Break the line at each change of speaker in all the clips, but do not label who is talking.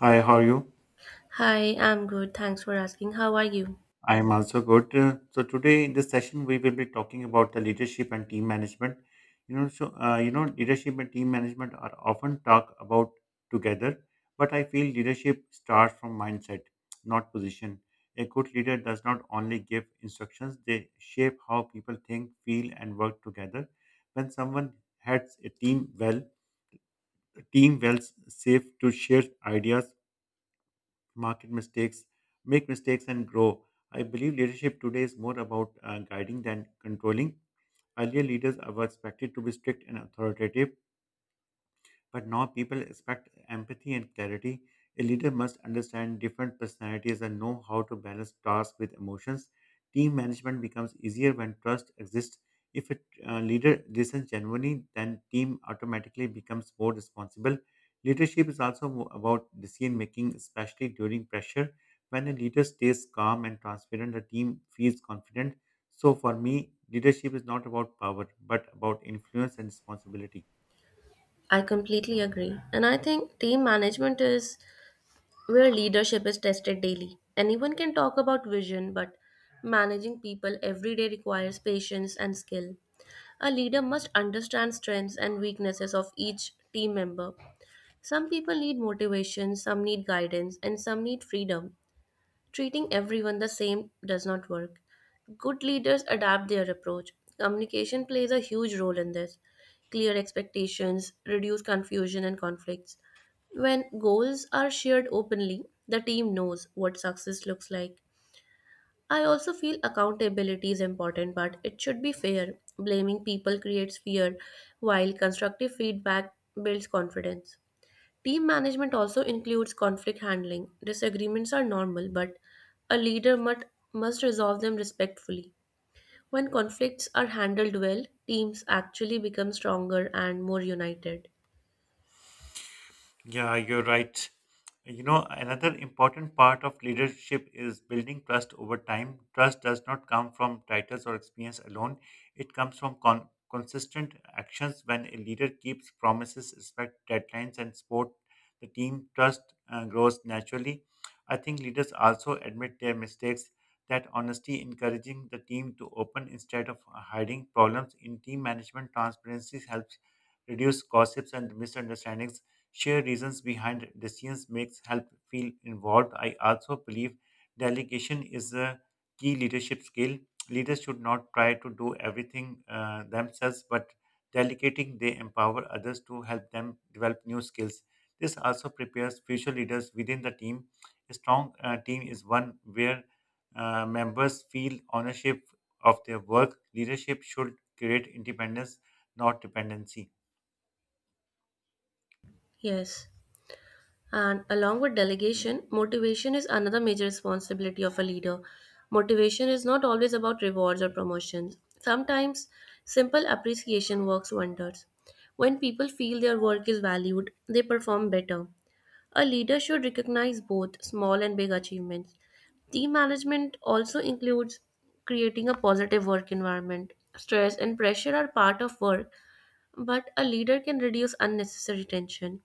Hi, how are you?
Hi, I'm good. Thanks for asking. How are you?
I am also good. So today in this session, we will be talking about the leadership and team management. Leadership and team management are often talked about together, but I feel leadership starts from mindset, not position. A good leader does not only give instructions; they shape how people think, feel, and work together. When someone heads a team well, a team feels safe to share ideas market mistakes, make mistakes, and grow. I believe leadership today is more about guiding than controlling. Earlier leaders were expected to be strict and authoritative, but now people expect empathy and clarity. A leader must understand different personalities and know how to balance tasks with emotions. Team management becomes easier when trust exists. If a leader listens genuinely, then team automatically becomes more responsible. Leadership is also about decision making, especially during pressure. When a leader stays calm and transparent, the team feels confident. So for me, leadership is not about power, but about influence and responsibility.
I completely agree. And I think team management is where leadership is tested daily. Anyone can talk about vision, but managing people every day requires patience and skill. A leader must understand strengths and weaknesses of each team member. Some people need motivation, some need guidance, and some need freedom. Treating everyone the same does not work. Good leaders adapt their approach. Communication plays a huge role in this. Clear expectations reduce confusion and conflicts. When goals are shared openly, the team knows what success looks like. I also feel accountability is important, but it should be fair. Blaming people creates fear, while constructive feedback builds confidence. Team management also includes conflict handling. Disagreements are normal, but a leader must resolve them respectfully. When conflicts are handled well, teams actually become stronger and more united.
Yeah, you're right. You know, another important part of leadership is building trust over time. Trust does not come from titles or experience alone, it comes from consistent actions. When a leader keeps promises, respect deadlines, and support the team, trust grows naturally. I think leaders also admit their mistakes. That honesty, encouraging the team to open instead of hiding problems in team management, transparency helps reduce gossips and misunderstandings share reasons behind decisions makes help feel involved. I also believe delegation is a key leadership skill. Leaders should not try to do everything themselves, but delegating they empower others to help them develop new skills. This also prepares future leaders within the team. A strong team is one where members feel ownership of their work. Leadership should create independence, not dependency.
Yes. And along with delegation, motivation is another major responsibility of a leader. Motivation is not always about rewards or promotions. Sometimes simple appreciation works wonders. When people feel their work is valued, they perform better. A leader should recognize both small and big achievements. Team management also includes creating a positive work environment. Stress and pressure are part of work, but a leader can reduce unnecessary tension.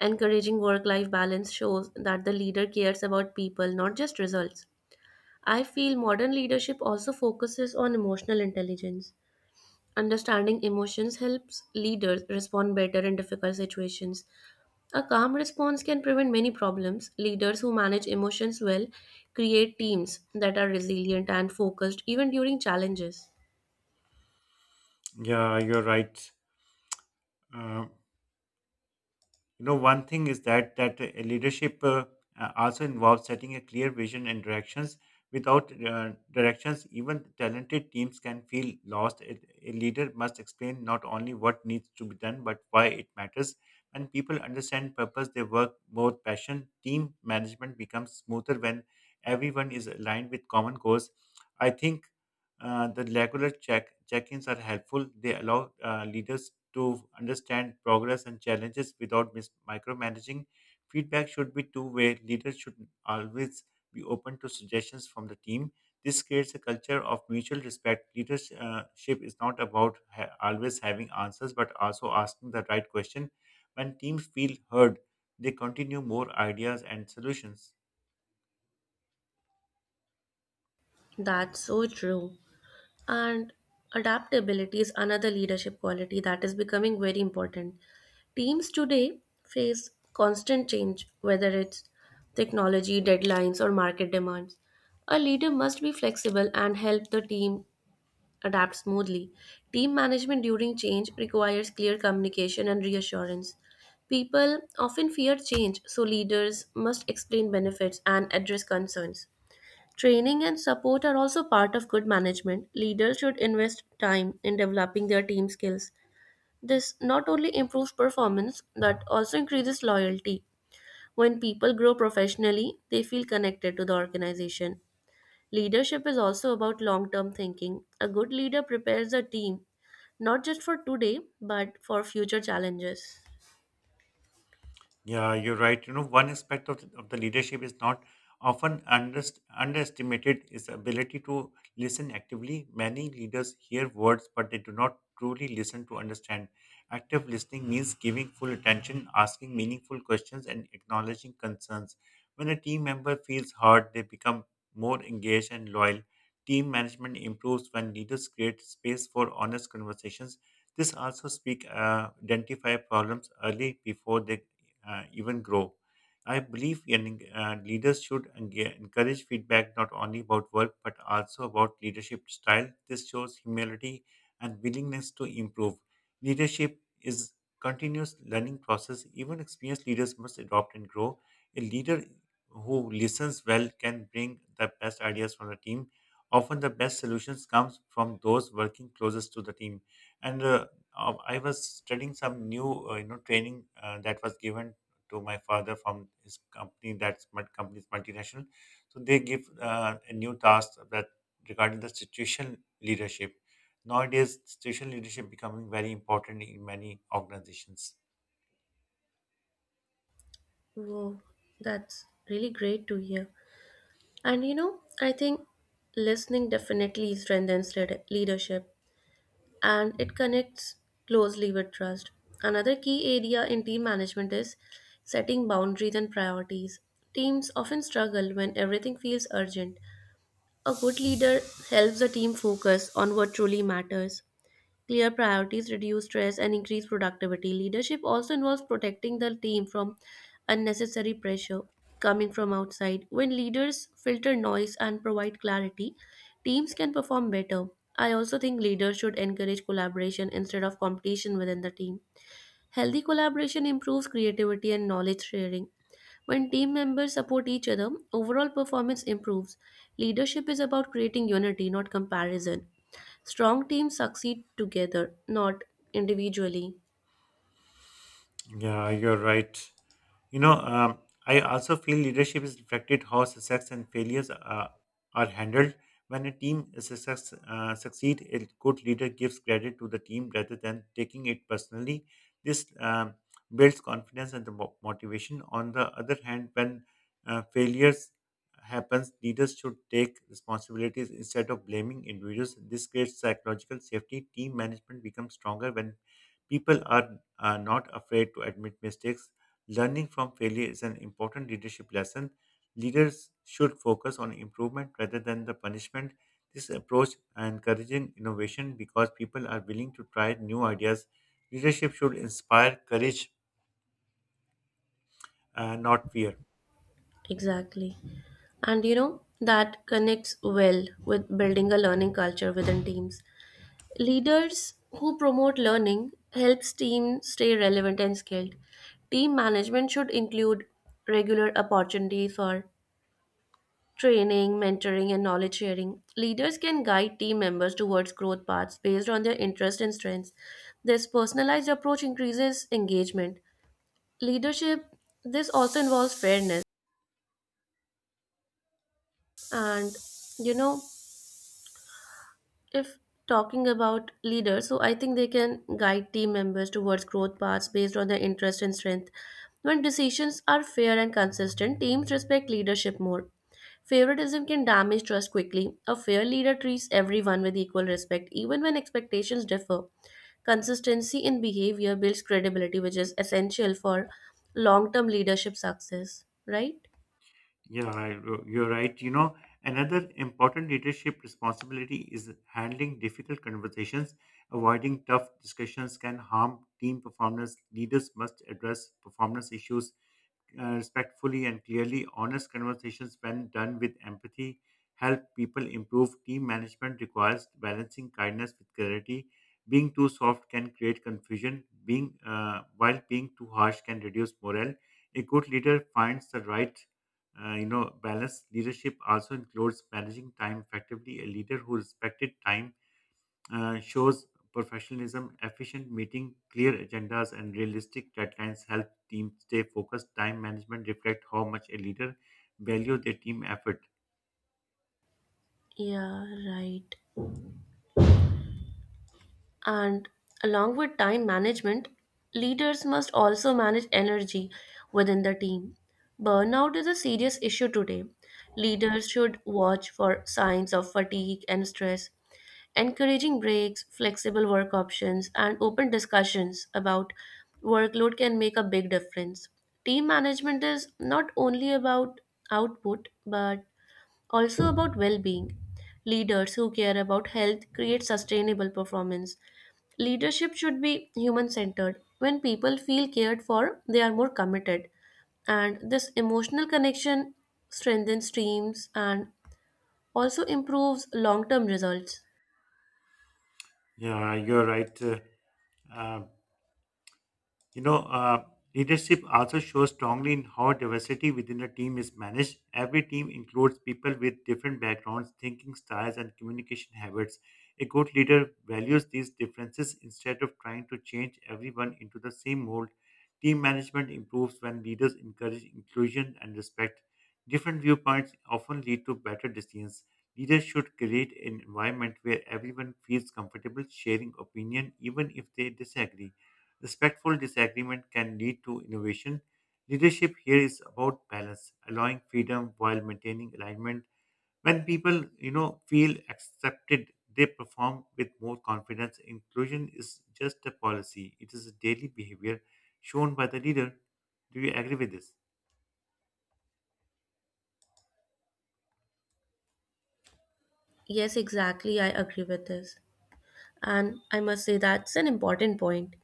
Encouraging work life balance shows that the leader cares about people, not just results. I feel modern leadership also focuses on emotional intelligence. Understanding emotions helps leaders respond better in difficult situations. A calm response can prevent many problems. Leaders who manage emotions well create teams that are resilient and focused even during challenges.
Yeah, you're right. Um, you know, one thing is that leadership also involves setting a clear vision and directions without directions, even talented teams can feel lost. A leader must explain not only what needs to be done but why it matters. When people understand purpose they work more passion team management becomes smoother when everyone is aligned with common goals. I think the regular check-ins are helpful. They allow leaders to understand progress and challenges without micromanaging. Feedback should be two-way. Leaders should always be open to suggestions from the team. This creates a culture of mutual respect. Leadership is not about always having answers, but also asking the right question. When teams feel heard, they continue more ideas and solutions.
That's so true. And adaptability is another leadership quality that is becoming very important. Teams today face constant change, whether it's technology, deadlines, or market demands. A leader must be flexible and help the team adapt smoothly. Team management during change requires clear communication and reassurance. People often fear change, so leaders must explain benefits and address concerns. Training and support are also part of good management. Leaders should invest time in developing their team skills. This not only improves performance but also increases loyalty. When people grow professionally, they feel connected to the organization. Leadership is also about long term thinking. A good leader prepares a team not just for today but for future challenges.
Yeah, you're right. You know, one aspect of the leadership is not often underestimated is the ability to listen actively. Many leaders hear words, but they do not truly listen to understand. Active listening means giving full attention, asking meaningful questions, and acknowledging concerns. When a team member feels heard, they become more engaged and loyal. Team management improves when leaders create space for honest conversations. This also speak identify problems early before they even grow. I believe leaders should encourage feedback not only about work but also about leadership style. This shows humility and willingness to improve. Leadership is continuous learning process. Even experienced leaders must adopt and grow. A leader who listens well can bring the best ideas from the team. Often the best solutions comes from those working closest to the team. And I was studying some new, training that was given to my father from his company, that's my company's multinational, so they give a new task that regarding the situation leadership. Nowadays situation leadership becoming very important in many organizations.
Whoa, that's really great to hear. And you know, I think listening definitely strengthens leadership, and it connects closely with trust. Another key area in team management is setting boundaries and priorities. Teams often struggle when everything feels urgent. A good leader helps the team focus on what truly matters. Clear priorities reduce stress and increase productivity. Leadership also involves protecting the team from unnecessary pressure coming from outside. When leaders filter noise and provide clarity, teams can perform better. I also think leaders should encourage collaboration instead of competition within the team. Healthy collaboration improves creativity and knowledge sharing. When team members support each other, overall performance improves. Leadership is about creating unity, not comparison. Strong teams succeed together, not individually.
Yeah, you're right. You know, um, I also feel leadership is reflected how success and failures are handled. When a team is succeed, a good leader gives credit to the team rather than taking it personally. This builds confidence and the motivation. On the other hand, when failures happens, leaders should take responsibilities instead of blaming individuals. This creates psychological safety. Team management becomes stronger when people are not afraid to admit mistakes. Learning from failure is an important leadership lesson. Leaders should focus on improvement rather than the punishment. This approach encouraging innovation because people are willing to try new ideas. Leadership should inspire courage, not fear.
Exactly. And you know, that connects well with building a learning culture within teams. Leaders who promote learning helps team stay relevant and skilled. Team management should include regular opportunities for training, mentoring and knowledge sharing. Leaders can guide team members towards growth paths based on their interests and strengths. This personalized approach increases engagement. Leadership this also involves fairness. And you know, if talking about leaders, so I think they can guide team members towards growth paths based on their interest and strength. When decisions are fair and consistent, teams respect leadership more. Favoritism can damage trust quickly. A fair leader treats everyone with equal respect even when expectations differ. Consistency in behavior builds credibility, which is essential for long term leadership success, right?
Yeah, I- you're right. You know, another important leadership responsibility is handling difficult conversations. Avoiding tough discussions can harm team performance. Leaders must address performance issues respectfully and clearly. Honest conversations, when done with empathy, help people improve. Team management requires balancing kindness with clarity. Being too soft can create confusion. Being while being too harsh can reduce morale. A good leader finds the right, balance. Leadership also includes managing time effectively. A leader who respected time shows professionalism, efficient meeting, clear agendas, and realistic deadlines help teams stay focused. Time management reflect how much a leader value their team effort.
Yeah, right. And along with time management, leaders must also manage energy within the team. Burnout is a serious issue today. Leaders should watch for signs of fatigue and stress. Encouraging breaks, flexible work options, and open discussions about workload can make a big difference. Team management is not only about output, but also about well-being. Leaders who care about health create sustainable performance. Leadership should be human-centered. When people feel cared for, they are more committed. And this emotional connection strengthens teams and also improves long-term results.
Yeah, you're right. Uh, uh, You know, uh, Leadership also shows strongly in how diversity within a team is managed. Every team includes people with different backgrounds, thinking styles, and communication habits. A good leader values these differences instead of trying to change everyone into the same mold. Team management improves when leaders encourage inclusion and respect. Different viewpoints often lead to better decisions. Leaders should create an environment where everyone feels comfortable sharing opinion even if they disagree. Respectful disagreement can lead to innovation. Leadership here is about balance, allowing freedom while maintaining alignment. When people, feel accepted, they perform with more confidence. Inclusion is just a policy; it is a daily behavior shown by the leader. Do you agree with this?
Yes, exactly. I agree with this. And I must say that's an important point.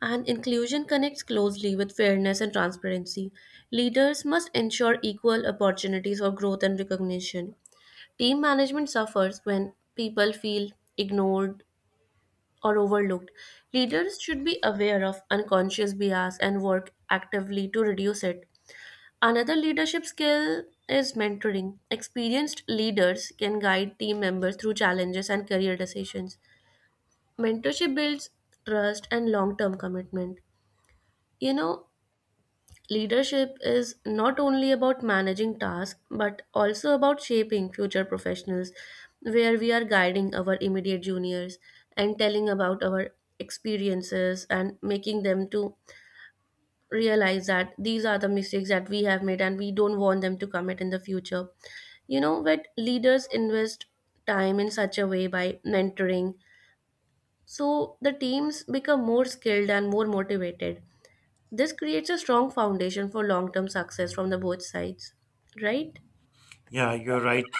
And inclusion connects closely with fairness and transparency. Leaders must ensure equal opportunities for growth and recognition. Team management suffers when people feel ignored or overlooked. Leaders should be aware of unconscious bias and work actively to reduce it. Another leadership skill is mentoring. Experienced leaders can guide team members through challenges and career decisions. Mentorship builds trust and long term commitment. You know, leadership is not only about managing tasks but also about shaping future professionals, where we are guiding our immediate juniors and telling about our experiences and making them to realize that these are the mistakes that we have made and we don't want them to commit in the future. You know, that leaders invest time in such a way by mentoring, so the teams become more skilled and more motivated. This creates a strong foundation for long term success from the both sides, right?
Yeah, you're right.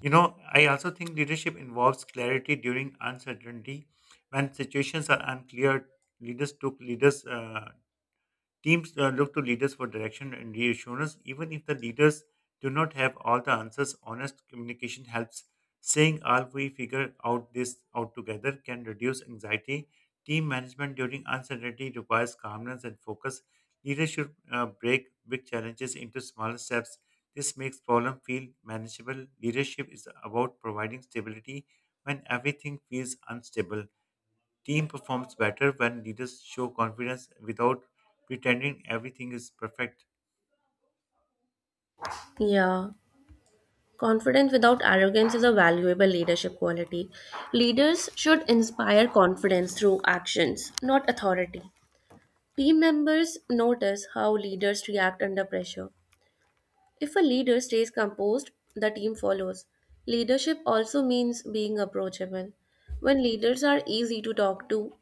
You know, I also think leadership involves clarity during uncertainty. When situations are unclear, leaders took leaders' Teams look to leaders for direction and reassurance, even if the leaders do not have all the answers. Honest communication helps. Saying, "All we figure out this out together," can reduce anxiety. Team management during uncertainty requires calmness and focus. Leaders should break big challenges into smaller steps. This makes problem feel manageable. Leadership is about providing stability when everything feels unstable. Team performs better when leaders show confidence without pretending everything is perfect.
Yeah. Confidence without arrogance is a valuable leadership quality. Leaders should inspire confidence through actions, not authority. Team members notice how leaders react under pressure. If a leader stays composed, the team follows. Leadership also means being approachable. When leaders are easy to talk to,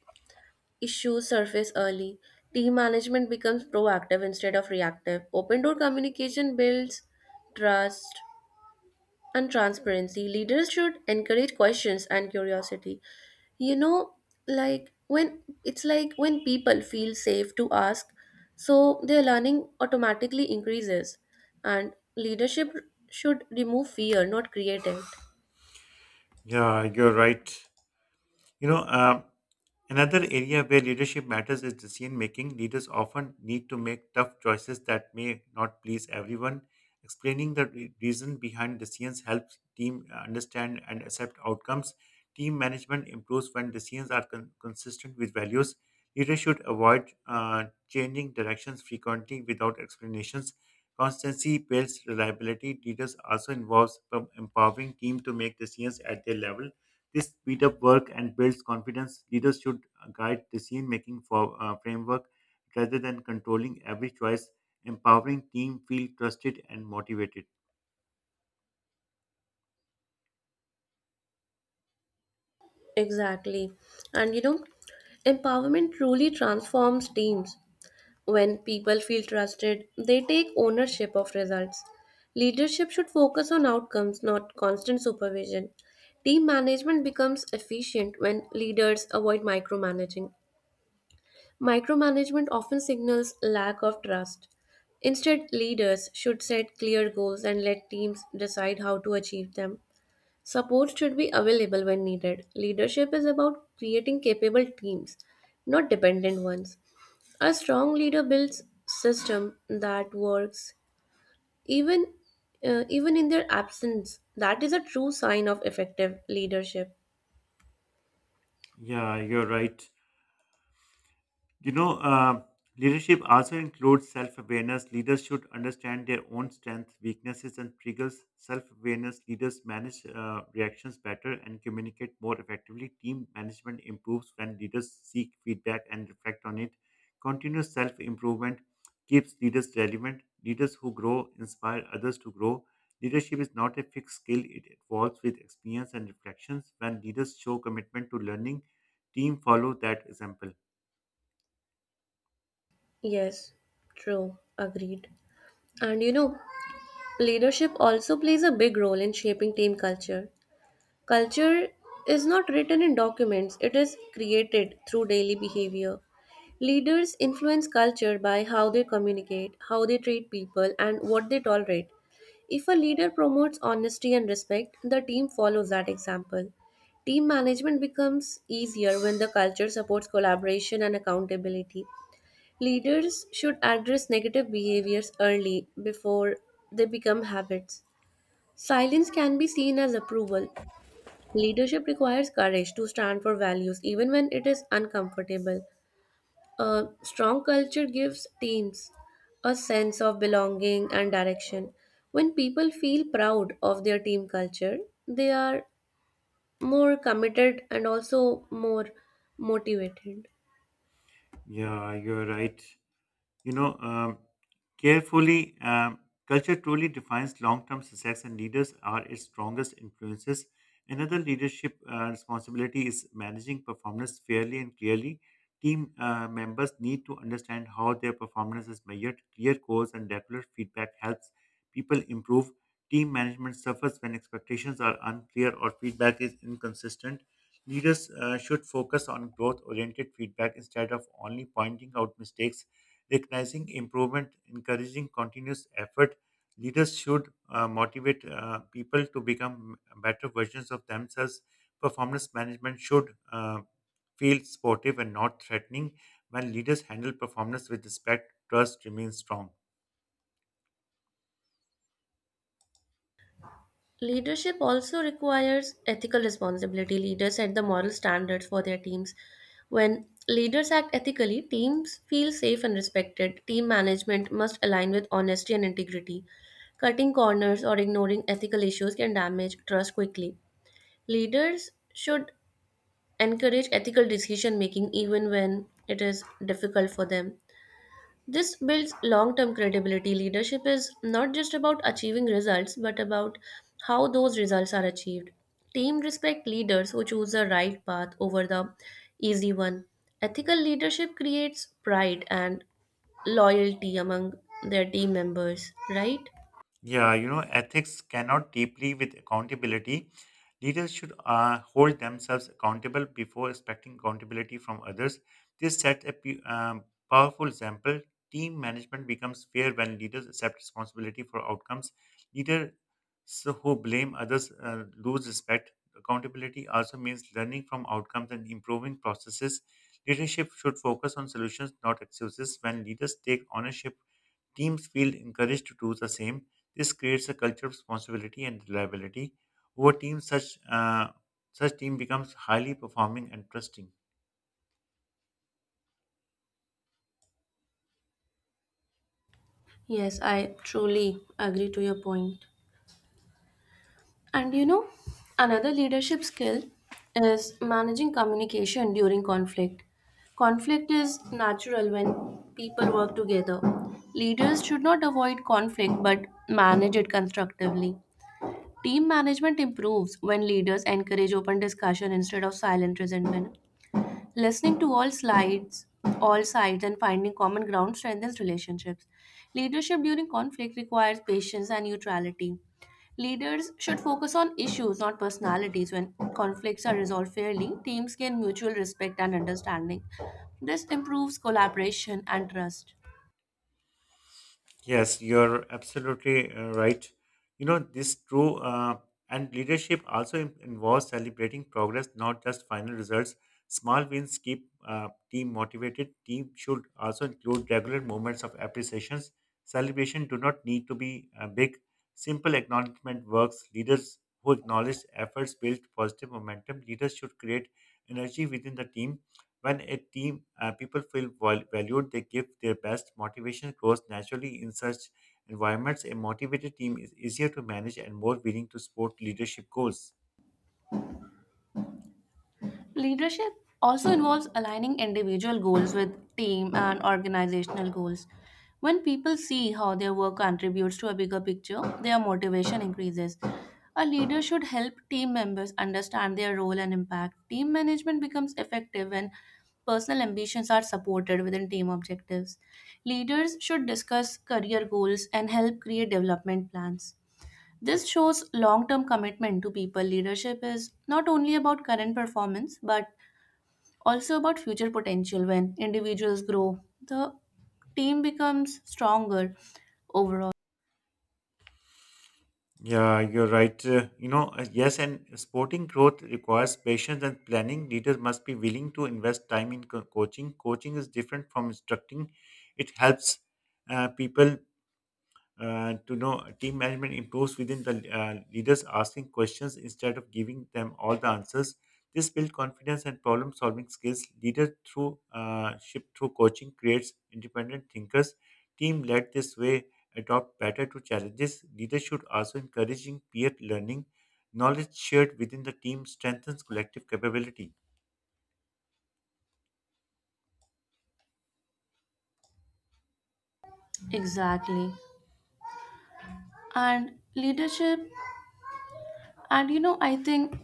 issues surface early. Team management becomes proactive instead of reactive. Open door communication builds trust and transparency. Leaders should encourage questions and curiosity. You know, like when it's like when people feel safe to ask, so their learning automatically increases. And leadership should remove fear, not create it.
Yeah, you're right. You know, um, Another area where leadership matters is decision making. Leaders often need to make tough choices that may not please everyone. Explaining the reason behind decisions helps team understand and accept outcomes. Team management improves when decisions are consistent with values. Leaders should avoid changing directions frequently without explanations. Constancy builds reliability. Leaders also involves empowering team to make decisions at their level. This speeds up work and builds confidence. Leaders should guide decision making for framework rather than controlling every choice. Empowering team feel trusted and motivated.
Exactly. And you know, empowerment truly transforms teams. When people feel trusted, they take ownership of results. Leadership should focus on outcomes, not constant supervision. Team management becomes efficient when leaders avoid micromanaging. Micromanagement often signals lack of trust. Instead, leaders should set clear goals and let teams decide how to achieve them. Support should be available when needed. Leadership is about creating capable teams, not dependent ones. A strong leader builds system that works even even in their absence. That is a true sign of effective leadership.
Yeah, you're right. You know, leadership also includes self awareness. Leaders should understand their own strengths, weaknesses, and triggers. Self awareness leaders manage reactions better and communicate more effectively. Team management improves when leaders seek feedback and reflect on it. Continuous self improvement keeps leaders relevant. Leaders who grow inspire others to grow. Leadership is not a fixed skill, it evolves with experience and reflections. When leaders show commitment to learning, team follow that example.
Yes, true, agreed. And you know, leadership also plays a big role in shaping team culture. Culture is not written in documents, it is created through daily behavior. Leaders influence culture by how they communicate, how they treat people, and what they tolerate. If a leader promotes honesty and respect, the team follows that example. Team management becomes easier when the culture supports collaboration and accountability. Leaders should address negative behaviors early before they become habits. Silence can be seen as approval. Leadership requires courage to stand for values even when it is uncomfortable. A strong culture gives teams a sense of belonging and direction. When people feel proud of their team culture, they are more committed and also more motivated.
Yeah, you're right. You know, um, carefully, um, Culture truly defines long term success, and leaders are its strongest influences. Another leadership responsibility is managing performance fairly and clearly. Team members need to understand how their performance is measured. Clear goals and regular feedback helps people improve. Team management suffers when expectations are unclear or feedback is inconsistent. Leaders should focus on growth oriented feedback instead of only pointing out mistakes, recognizing improvement, encouraging continuous effort. Leaders should motivate people to become better versions of themselves. Performance management should feel supportive and not threatening. When leaders handle performance with respect, trust remains strong.
Leadership also requires ethical responsibility. Leaders set the moral standards for their teams. When leaders act ethically, teams feel safe and respected. Team management must align with honesty and integrity. Cutting corners or ignoring ethical issues can damage trust quickly. Leaders should encourage ethical decision making even when it is difficult for them. This builds long term credibility. Leadership is not just about achieving results, but about how those results are achieved. Team respect leaders who choose the right path over the easy one. Ethical leadership creates pride and loyalty among their team members, right?
Yeah, you know, ethics cannot deeply with accountability. Leaders should hold themselves accountable before expecting accountability from others. This sets a powerful example. Team management becomes fair when leaders accept responsibility for outcomes. Leaders who blame others lose respect. Accountability also means learning from outcomes and improving processes. Leadership should focus on solutions, not excuses. When leaders take ownership, teams feel encouraged to do the same. This creates a culture of responsibility and reliability. Over teams, such team becomes highly performing and trusting.
Yes, I truly agree to your point. And you know, another leadership skill is managing communication during conflict. Conflict is natural when people work together. Leaders should not avoid conflict but manage it constructively. Team management improves when leaders encourage open discussion instead of silent resentment. Listening to all sides and finding common ground strengthens relationships. Leadership during conflict requires patience and neutrality. Leaders should focus on issues, not personalities. When conflicts are resolved fairly, teams gain mutual respect and understanding. This improves collaboration and trust.
Yes, you're absolutely right. You know, this true, and leadership also involves celebrating progress, not just final results. Small wins keep team motivated. Team should also include regular moments of appreciations. Celebration do not need to be big. Simple acknowledgement works. Leaders who acknowledge efforts build positive momentum. Leaders should create energy within the team. When a team people feel valued, they give their best. Motivation grows naturally in such environments. A motivated team is easier to manage and more willing to support leadership goals.
Leadership also involves aligning individual goals with team and organizational goals. When people see how their work contributes to a bigger picture, their motivation increases. A leader should help team members understand their role and impact. Team management becomes effective when personal ambitions are supported within team objectives. Leaders should discuss career goals and help create development plans. This shows long term commitment to people. Leadership is not only about current performance but also about future potential. When individuals grow, the team becomes stronger overall.
Yeah, you're right. Yes, and sporting growth requires patience and planning. Leaders must be willing to invest time in coaching. Coaching is different from instructing. It helps people to know team management improves within the leaders asking questions instead of giving them all the answers. This builds confidence and problem solving skills. Leader through ship through coaching creates independent thinkers. Team led this way adopt better to challenges. Leaders should also encouraging peer learning. Knowledge shared within the team strengthens collective capability.
Exactly. And leadership, and you know, I think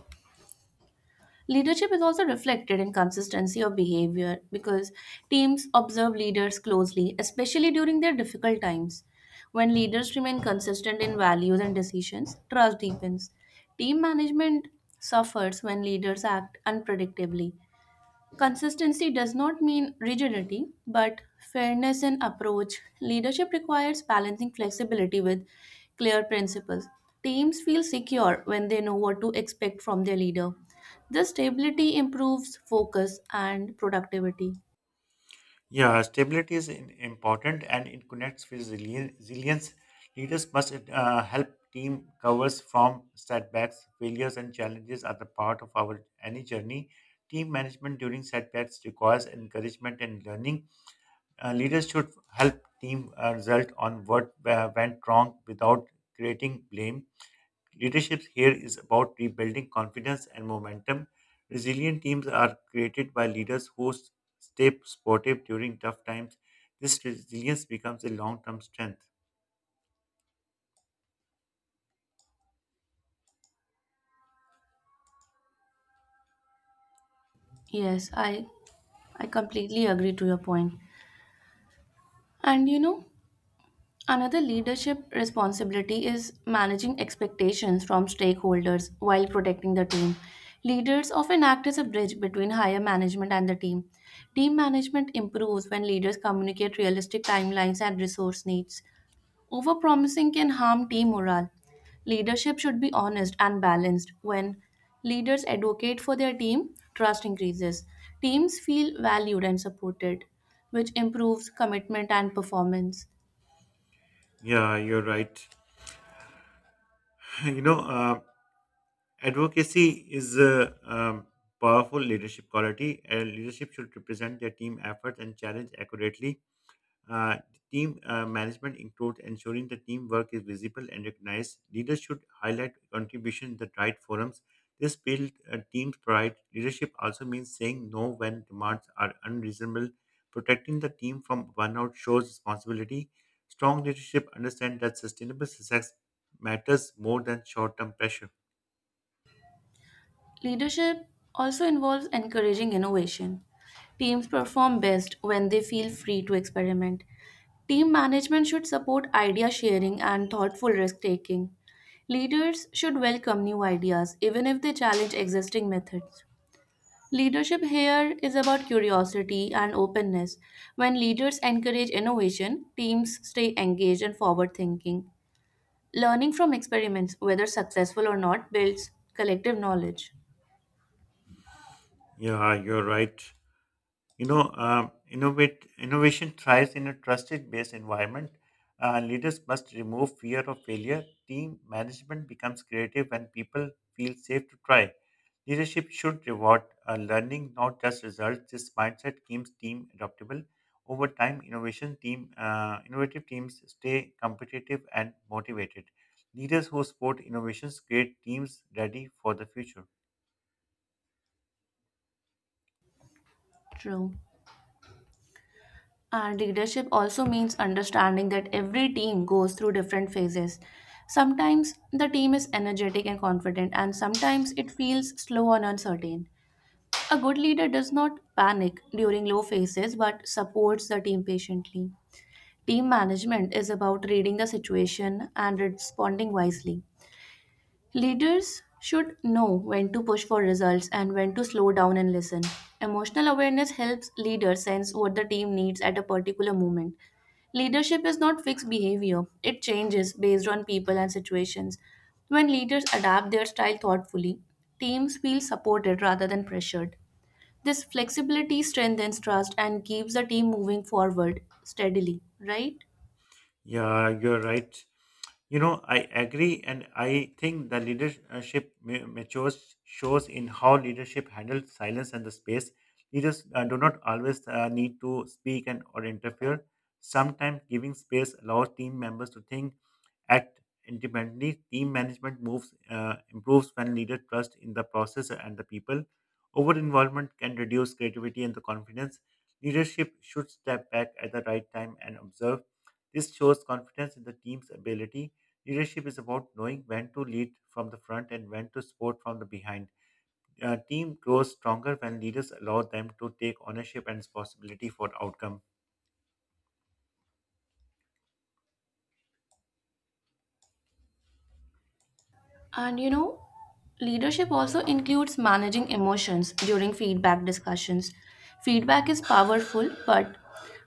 leadership is also reflected in consistency of behavior, because teams observe leaders closely, especially during their difficult times. When leaders remain consistent in values and decisions, trust deepens. Team management suffers when leaders act unpredictably. Consistency does not mean rigidity, but fairness in approach. Leadership requires balancing flexibility with clear principles. Teams feel secure when they know what to expect from their leader. This stability improves focus and productivity.
Yeah, stability is important and it connects with resilience. Leaders must help team covers from setbacks, failures, and challenges are the part of our any journey. Team management during setbacks requires encouragement and learning. Leaders should help team result on what went wrong without creating blame. Leadership here is about rebuilding confidence and momentum. Resilient teams are created by leaders who stay supportive during tough times. This resilience becomes a long term strength.
Yes, I completely agree to your point. And you know, another leadership responsibility is managing expectations from stakeholders while protecting the team. Leaders often act as a bridge between higher management and the team. Team management improves when leaders communicate realistic timelines and resource needs. Overpromising can harm team morale. Leadership should be honest and balanced. When leaders advocate for their team, trust increases. Teams feel valued and supported, which improves commitment and performance.
Yeah, you're right. You know, advocacy is a powerful leadership quality, and leadership should represent their team efforts and challenge accurately. Uh, Team management includes ensuring the teamwork is visible and recognized. Leaders should highlight contribution in the right forums. This builds a team's pride. Leadership also means saying no when demands are unreasonable. Protecting the team from burnout shows responsibility. Strong leadership understands that sustainable success matters more than short-term pressure.
Leadership also involves encouraging innovation. Teams perform best when they feel free to experiment. Team management should support idea sharing and thoughtful risk taking. Leaders should welcome new ideas, even if they challenge existing methods. Leadership here is about curiosity and openness. When leaders encourage innovation, teams stay engaged and forward thinking. Learning from experiments, whether successful or not, builds collective knowledge.
Yeah, you're right. Innovation thrives in a trusted based environment. Leaders must remove fear of failure. Team management becomes creative when people feel safe to try. Leadership should reward learning, not just results. This mindset keeps team adaptable. Over time, innovative teams stay competitive and motivated. Leaders who support innovations create teams ready for the future.
True. And leadership also means understanding that every team goes through different phases. Sometimes the team is energetic and confident, and sometimes it feels slow and uncertain. A good leader does not panic during low phases but supports the team patiently. Team management is about reading the situation and responding wisely. Leaders should know when to push for results and when to slow down and listen. Emotional awareness helps leaders sense what the team needs at a particular moment. Leadership is not fixed behavior, it changes based on people and situations. When leaders adapt their style thoughtfully, teams feel supported rather than pressured. This flexibility strengthens trust and keeps the team moving forward steadily, right?
Yeah, you're right. You know, I agree, and I think the leadership matures shows in how leadership handles silence and the space. Leaders do not always need to speak and or interfere. Sometimes giving space allows team members to think, act independently. Team management moves improves when leaders trust in the process and the people. Over involvement can reduce creativity and the confidence. Leadership should step back at the right time and observe. This shows confidence in the team's ability. Leadership is about knowing when to lead from the front and when to support from the behind. A team grows stronger when leaders allow them to take ownership and responsibility for outcome.
And you know, leadership also includes managing emotions during feedback discussions. Feedback is powerful, but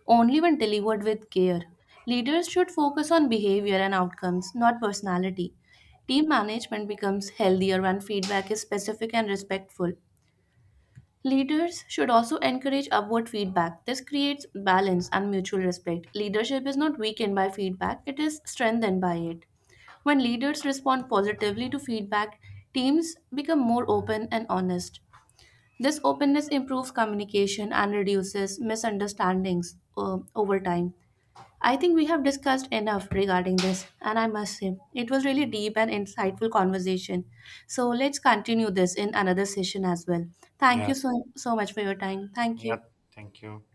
only when delivered with care. Leaders should focus on behavior and outcomes, not personality. Team management becomes healthier when feedback is specific and respectful. Leaders should also encourage upward feedback. This creates balance and mutual respect. Leadership is not weakened by feedback, it is strengthened by it. When leaders respond positively to feedback, teams become more open and honest. This openness improves communication and reduces misunderstandings over time. I think we have discussed enough regarding this, and I must say, it was really deep and insightful conversation. So let's continue this in another session as well. Thank you
Yeah,
so, so much for your time. Thank
yeah,
you.
thank you.